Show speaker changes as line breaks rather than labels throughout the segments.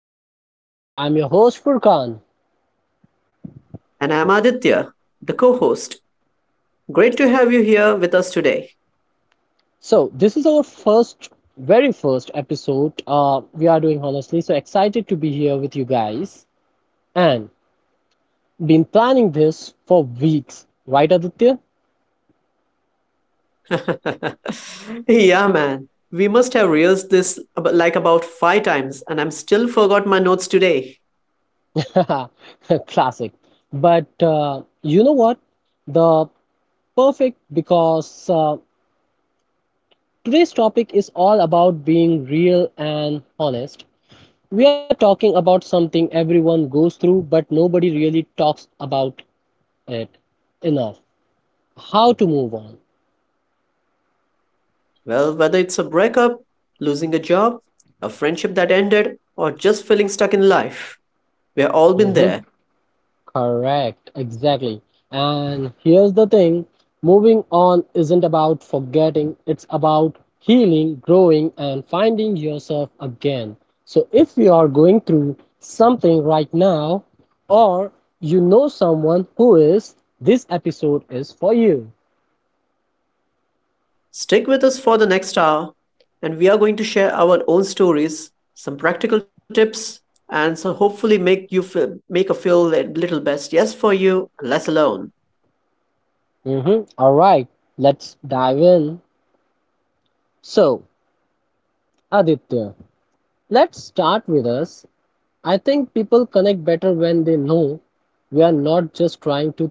Moving Forward. I'm your host Furkan.
And I'm Aditya, the co host. Great to have you here with us today.
So this is our first, very first episode. We are doing honestly so excited to be here with you guys and been planning this for weeks, right, Aditya?
Yeah, man. We must have rehearsed this like about 5 times, and I'm still forgot my notes today.
Classic. But you know what? The perfect, because today's topic is all about being real and honest. We are talking about something everyone goes through, but nobody really talks about it enough. How to move on.
Well, whether it's a breakup, losing a job, a friendship that ended, or just feeling stuck in life, we've all been
Hmm.
there.
Correct, exactly. And here's the thing, moving on isn't about forgetting, it's about healing, growing, and finding yourself again. So if you are going through something right now, or you know someone who is, this episode is for you.
Stick with us for the next hour, and we are going to share our own stories, some practical tips, and so hopefully make you feel, make a feel a little best yes for you, less alone.
Mhm. All right, let's dive in. So, Aditya, let's start with us. I think people connect better when they know we are not just trying to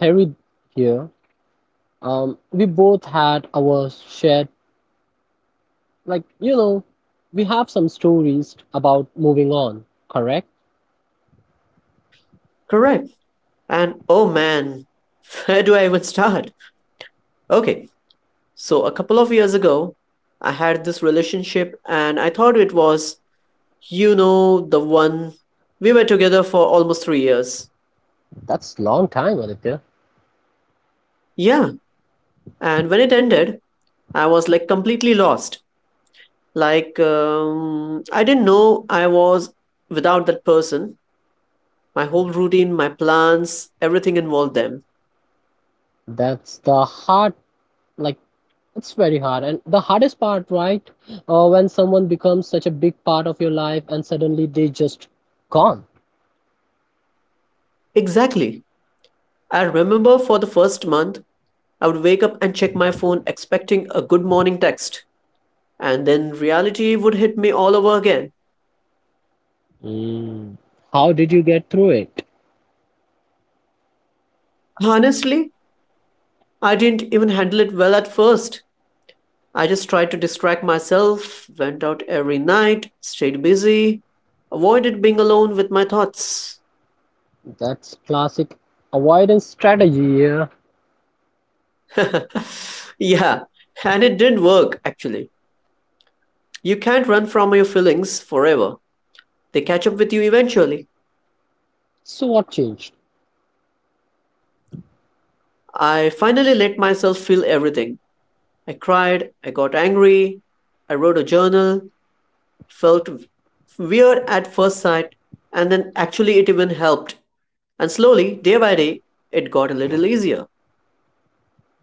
theory here. We both had our shared, like, we have some stories about moving on, correct?
Correct. And oh man, where do I even start? Okay, so a couple of years ago, I had this relationship, and I thought it was, the one. We were together for almost 3 years.
That's long time, Aditya.
Yeah, and when it ended, I was like completely lost. Like, I didn't know I was without that person. My whole routine, my plans, everything involved them.
That's the hard, like, it's very hard. And the hardest part, right? When someone becomes such a big part of your life and suddenly they just gone.
Exactly. I remember for the first month, I would wake up and check my phone expecting a good morning text. And then reality would hit me all over again.
Mm. How did you get through it?
Honestly, I didn't even handle it well at first. I just tried to distract myself, went out every night, stayed busy, avoided being alone with my thoughts.
That's classic avoidance strategy, yeah.
Yeah, and it did not work actually. You can't run from your feelings forever. They catch up with you eventually.
So what changed?
I finally let myself feel everything. I cried, I got angry, I wrote a journal, felt weird at first sight, and then actually it even helped. And slowly, day by day, it got a little easier.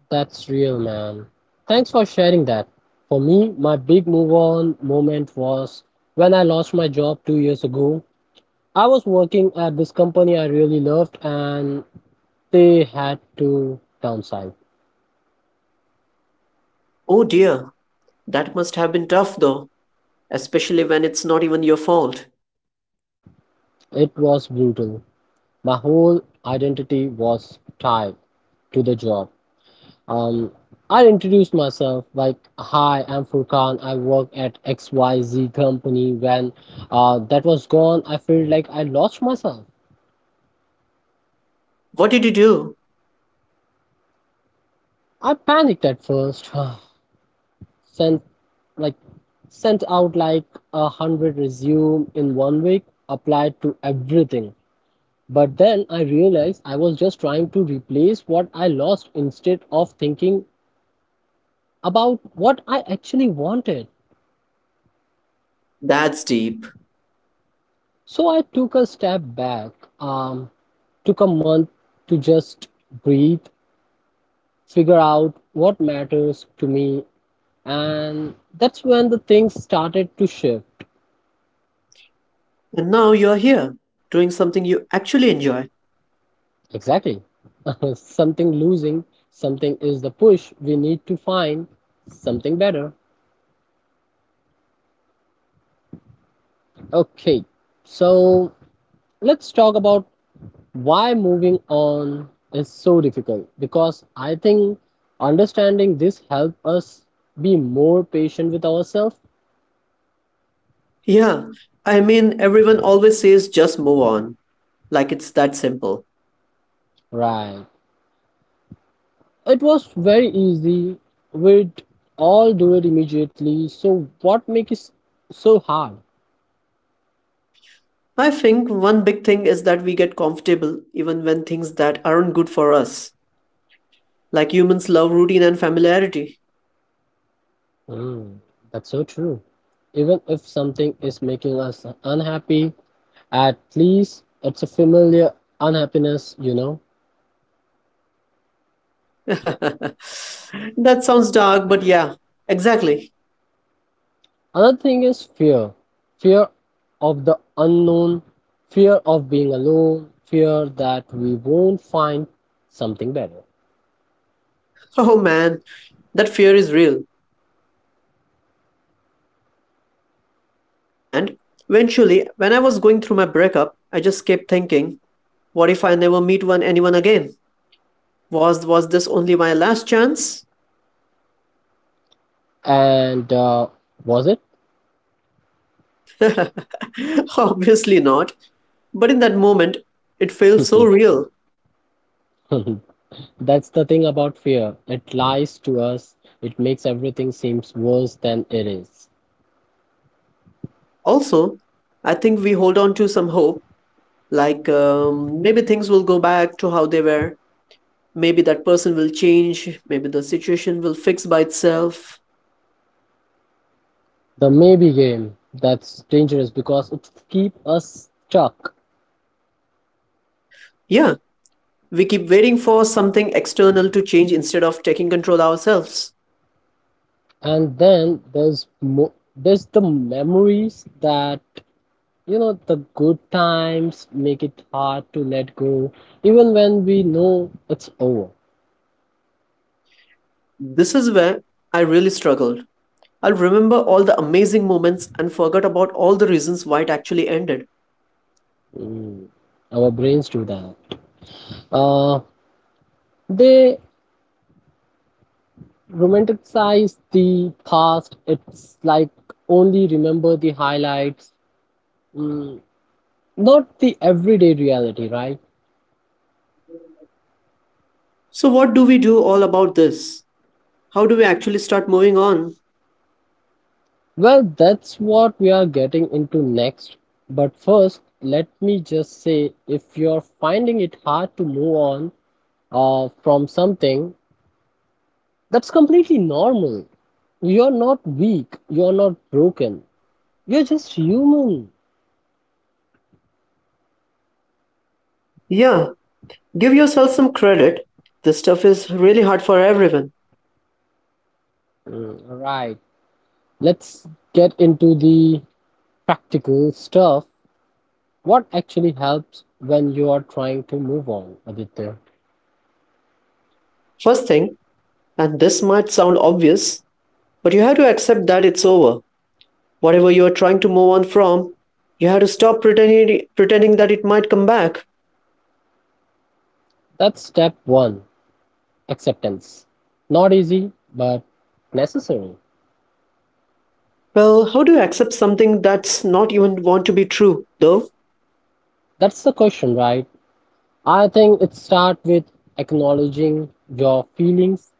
That's real, man. Thanks for sharing that. For me, my big move on moment was when I lost my job 2 years ago. I was working at this company I really loved and they had to downsize.
Oh dear, that must have been tough though, especially when it's not even your fault.
It was brutal. My whole identity was tied to the job. Um, I introduced myself like, "Hi, I'm Furkan. I work at XYZ company." When that was gone, I felt like I lost myself.
What did you do?
I panicked at first, sent like sent out like 100 resume in one week, applied to everything. But then I realized I was just trying to replace what I lost instead of thinking about what I actually wanted.
That's deep.
So I took a step back, um, took a month to just breathe, figure out what matters to me, and that's when the things started to shift.
And now you're here, doing something you actually enjoy.
Exactly. Something losing, something is the push we need to find something better. Okay, so let's talk about why moving on is so difficult, because I think understanding this helps us be more patient with ourselves.
Yeah, I mean, everyone always says just move on, like it's that simple.
Right, it was very easy, we'd all do it immediately. So what makes it so hard?
I think one big thing is that we get comfortable even when things that aren't good for us. Like humans love routine and familiarity.
Hmm, that's so true. Even if something is making us unhappy, at least it's a familiar unhappiness.
That sounds dark, but yeah, exactly.
Another thing is fear of the unknown, fear of being alone, fear that we won't find something better.
Oh man, that fear is real. And eventually, when I was going through my breakup, I just kept thinking, what if I never meet one anyone again? Was this only my last chance?
And was it?
Obviously not. But in that moment, it felt so real.
That's the thing about fear. It lies to us, it makes everything seems worse than it is.
Also, I think we hold on to some hope, like maybe things will go back to how they were. Maybe that person will change. Maybe the situation will fix by itself.
The maybe game, that's dangerous because it keeps us stuck.
Yeah, we keep waiting for something external to change instead of taking control ourselves.
And then there's there's the memories that, you know, the good times make it hard to let go, even when we know it's over.
This is where I really struggled. I'll remember all the amazing moments and forget about all the reasons why it actually ended.
Mm, Our brains do that. Uh, they romanticize the past. It's like only remember the highlights, mm, not the everyday reality, right?
So, what do we do all about this? How do we actually start moving on?
Well, that's what we are getting into next. But first, let me just say, if you're finding it hard to move on from something, that's completely normal. You're not weak, you're not broken, you're just human.
Yeah, give yourself some credit. This stuff is really hard for everyone.
All right, let's get into the practical stuff. What actually helps when you are trying to move on, Aditya?
First thing, and this might sound obvious, but you have to accept that it's over. Whatever you are trying to move on from, you have to stop pretending that it might come back.
That's step one, acceptance. Not easy, but necessary.
Well, how do you accept something that's not even want to be true, though?
That's the question, right? I think it starts with acknowledging your feelings.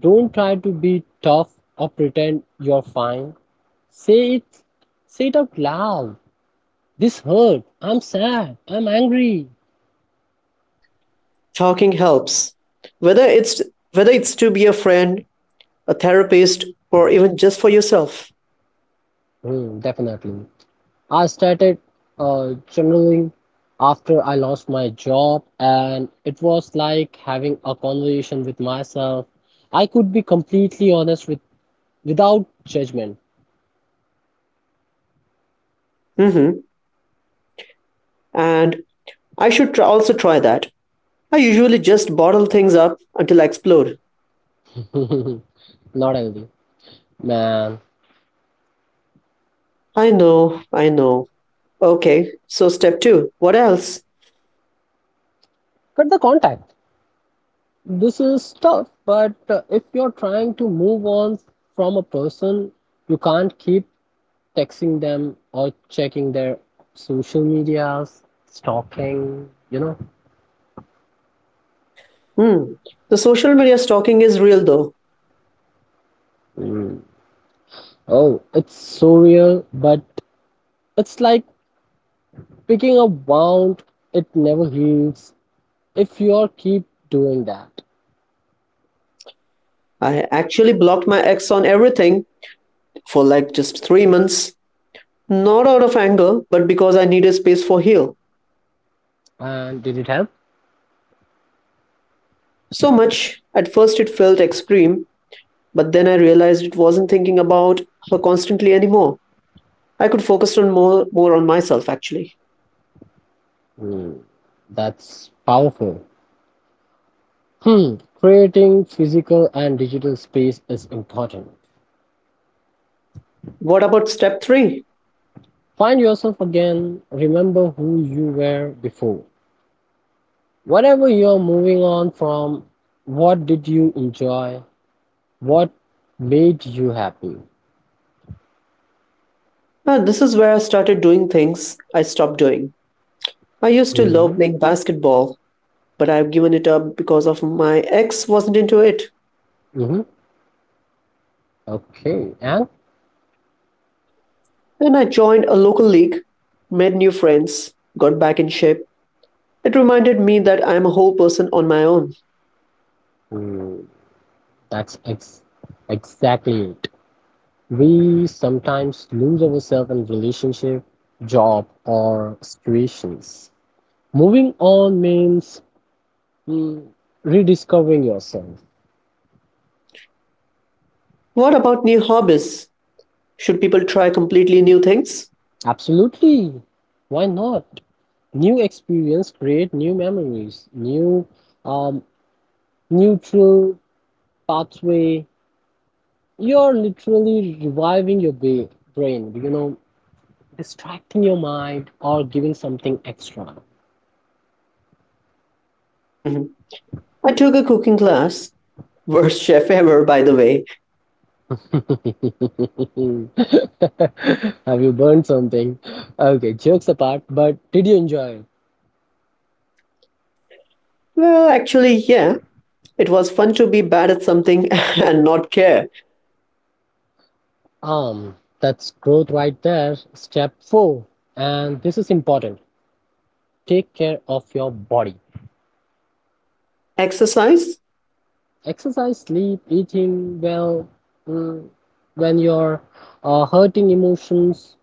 Don't try to be tough or pretend you're fine. Say it, say it out loud. This hurt. I'm sad. I'm angry.
Talking helps. Whether it's whether it's to be a friend, a therapist, or even just for yourself.
Hmm, definitely. I started journaling after I lost my job, and it was like having a conversation with myself. I could be completely honest without judgment.
hmm And I should try, also try that. I usually just bottle things up until I explode.
Not healthy, man.
I know, I know. Okay, so step two. What else?
Cut the contact. This is tough, but if you're trying to move on from a person, you can't keep texting them or checking their social medias, stalking.
Hmm. The social media stalking is real though.
Oh, it's so real, but it's like picking a wound, it never heals if you all keep doing that.
I actually blocked my ex on everything for like just 3 months. Not out of anger, but because I needed space for heal.
And did it help?
So much. At first it felt extreme, but then I realized it wasn't thinking about her constantly anymore. I could focus on more on myself actually.
Hmm, that's powerful. Hmm, creating physical and digital space is important.
What about step three?
Find yourself again, remember who you were before. Whatever you're moving on from, what did you enjoy? What made you happy?
This is where I started doing things I stopped doing. I used to love
Mm-hmm.
playing basketball, but I've given it up because of my ex wasn't into it.
Mm-hmm. Okay. And
Then I joined a local league, made new friends, got back in shape. It reminded me that I am a whole person on my own.
mm, that's exactly it. We sometimes lose ourselves in relationship, job, or situations. Moving on means, mm, rediscovering yourself.
What about new hobbies? Should people try completely new things?
Absolutely. Why not? New experience create new memories, new um, neutral pathway. You're literally reviving your brain, distracting your mind or giving something extra.
Mhm. I took a cooking class. Worst chef ever, by the way.
Have you burned something? Okay, jokes apart, but did you enjoy it?
Well, actually, yeah. It was fun to be bad at something and not care.
That's growth right there. Step four, and this is important, take care of your body.
Exercise?
Exercise, sleep, eating well. mm, when you're hurting emotions,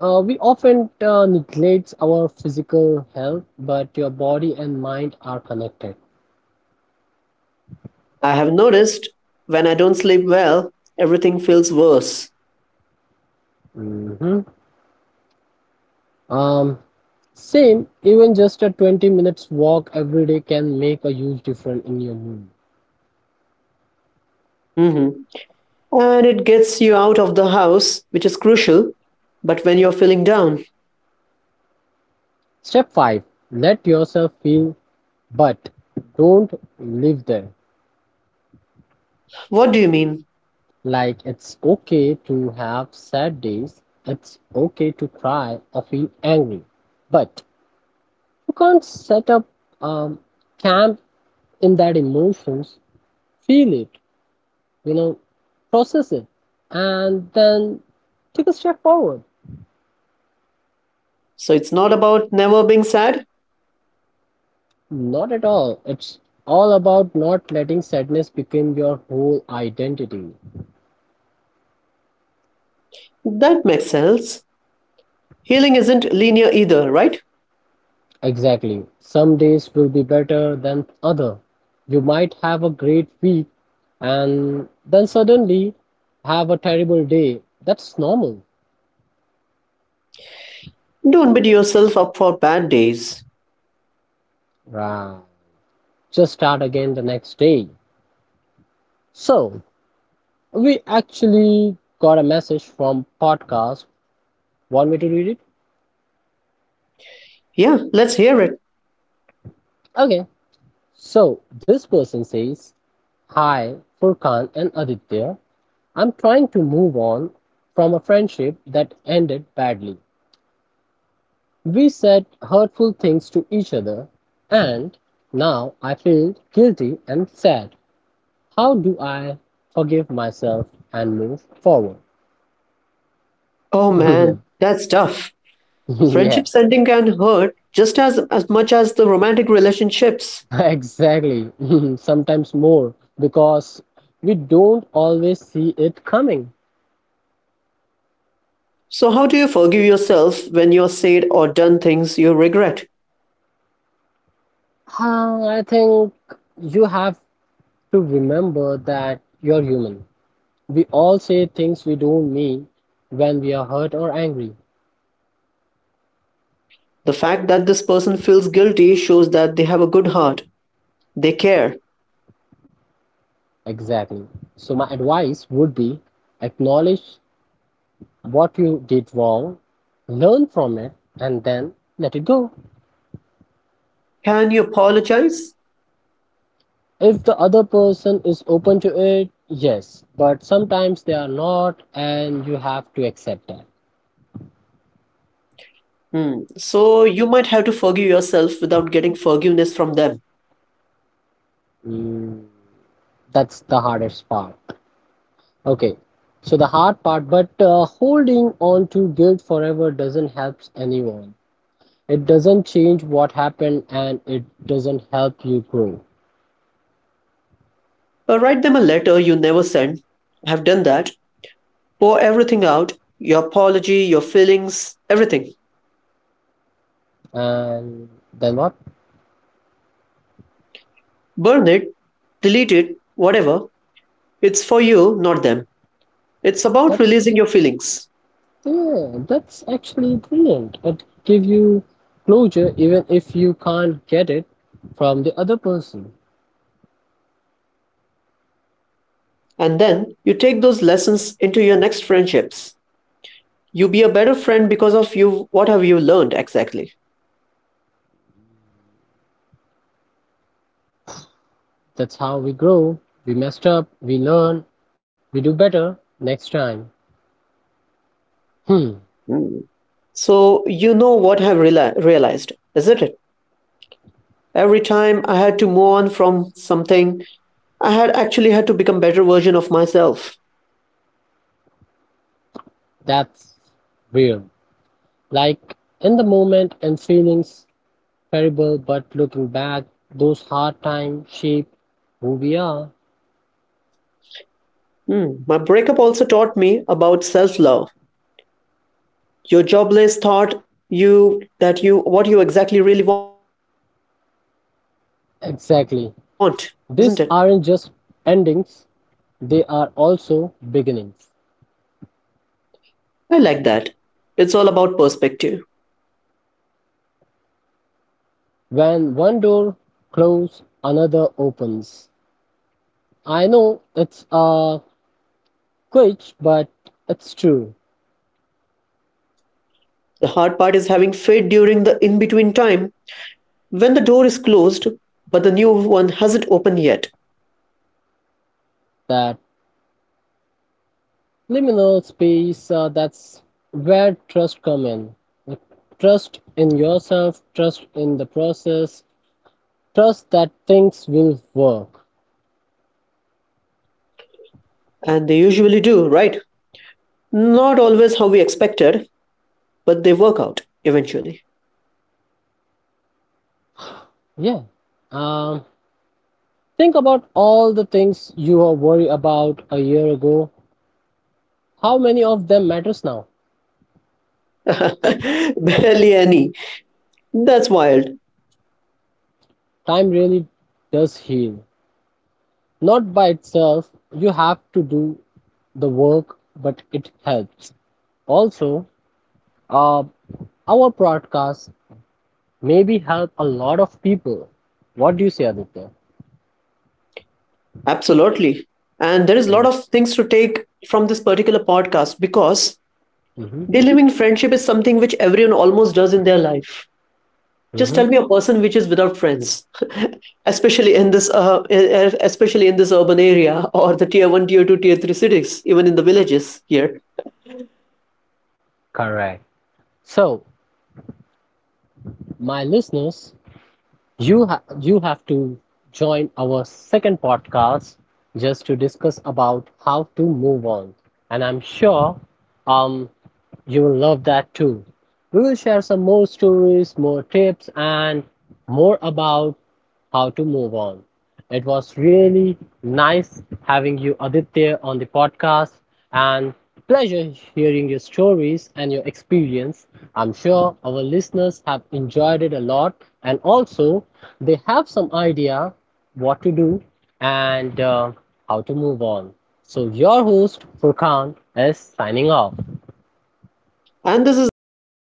We often neglect our physical health, but your body and mind are connected.
I have noticed when I don't sleep well, everything feels worse.
hmm Um, Same, even just a 20 minutes walk every day can make a huge difference in your mood.
Mhm. And it gets you out of the house, which is crucial, but when you're feeling down.
Step 5, let yourself feel, but don't live there.
What do you mean?
Like, it's okay to have sad days, it's okay to cry or feel angry, but you can't set up um, camp in that emotions. Feel it, you know, process it, and then take a step forward.
So it's not about never being sad?
Not at all. It's all about not letting sadness become your whole identity.
That makes sense. Healing isn't linear either, right?
Exactly. Some days will be better than other. You might have a great week and then suddenly have a terrible day. That's normal.
Don't beat yourself up for bad days.
Right. Just start again the next day. So, we actually got a message from podcast. Want me to read it?
Yeah, let's hear it.
Okay, so this person says, "Hi, Furkan and Aditya. I'm trying to move on from a friendship that ended badly. We said hurtful things to each other, and now I feel guilty and sad. How do I forgive myself and move forward?"
Oh man, that's tough.
Yeah,
Friendships ending can hurt just as much as the romantic relationships.
exactly. Sometimes more because we don't always see it coming.
So, how do you forgive yourself when you're said or done things you regret?
I think you have to remember that you're human. We all say things we don't mean when we are hurt or angry.
The fact that this person feels guilty shows that they have a good heart. They care.
Exactly. So, my advice would be, acknowledge what you did wrong, learn from it, and then let it go.
Can you apologize?
If the other person is open to it, yes, but sometimes they are not, and you have to accept that.
Hmm. So you might have to forgive yourself without getting forgiveness from them.
Mm, that's the hardest part. Okay, so the hard part, but holding on to guilt forever doesn't help anyone. It doesn't change what happened and it doesn't help you grow.
Or write them a letter you never sent. I've done that. Pour everything out your apology, your feelings, everything.
And then what?
Burn it, delete it, whatever. It's for you, not them. It's about
That's,
releasing your feelings.
yeah, that's actually brilliant. It gives you closure even if you can't get it from the other person.
And then you take those lessons into your next friendships. You be a better friend because of you. What have you learned exactly?
That's how we grow. We messed up, we learn, we do better next time. Hmm,
Mm. So, you know what I've realized, isn't it? Every time I had to move on from something, I had actually had to become better version of myself.
that's real. Like in the moment and feelings terrible, but looking back, those hard times shape who we are.
Hmm. My breakup also taught me about self-love. Your job list taught you that you what you exactly really want, isn't it?
Exactly. These aren't just endings, they are also beginnings.
I like that. It's all about perspective.
When one door closes, another opens. I know it's a glitch, but it's true.
The hard part is having faith during the in-between time when the door is closed, but the new one hasn't opened yet.
That liminal space, that's where trust comes in. Trust in yourself, trust in the process, trust that things will work.
And they usually do, right? Not always how we expected, but they work out eventually.
Yeah. Um, think about all the things you were worried about a year ago. How many of them matters now?
Barely any. That's wild.
Time really does heal. Not by itself. You have to do the work, but it helps. Also, uh, our podcast maybe help a lot of people. What do you say, Aditya?
Absolutely. And there is a lot of things to take from this particular podcast because
Mm-hmm.
delivering friendship is something which everyone almost does in their life. Just tell
Mm-hmm.
me a person which is without friends, especially in this, especially in this urban area or the tier 1, tier 2, tier 3 cities, even in the villages here.
Correct. So, my listeners, you have to join our second podcast just to discuss about how to move on, and I'm sure um you will love that too. We will share some more stories, more tips, and more about how to move on. It was really nice having you, Aditya, on the podcast and pleasure hearing your stories and your experience. I'm sure our listeners have enjoyed it a lot and also they have some idea what to do and how to move on. So, your host, Furkan, is signing off.
And this is Aditya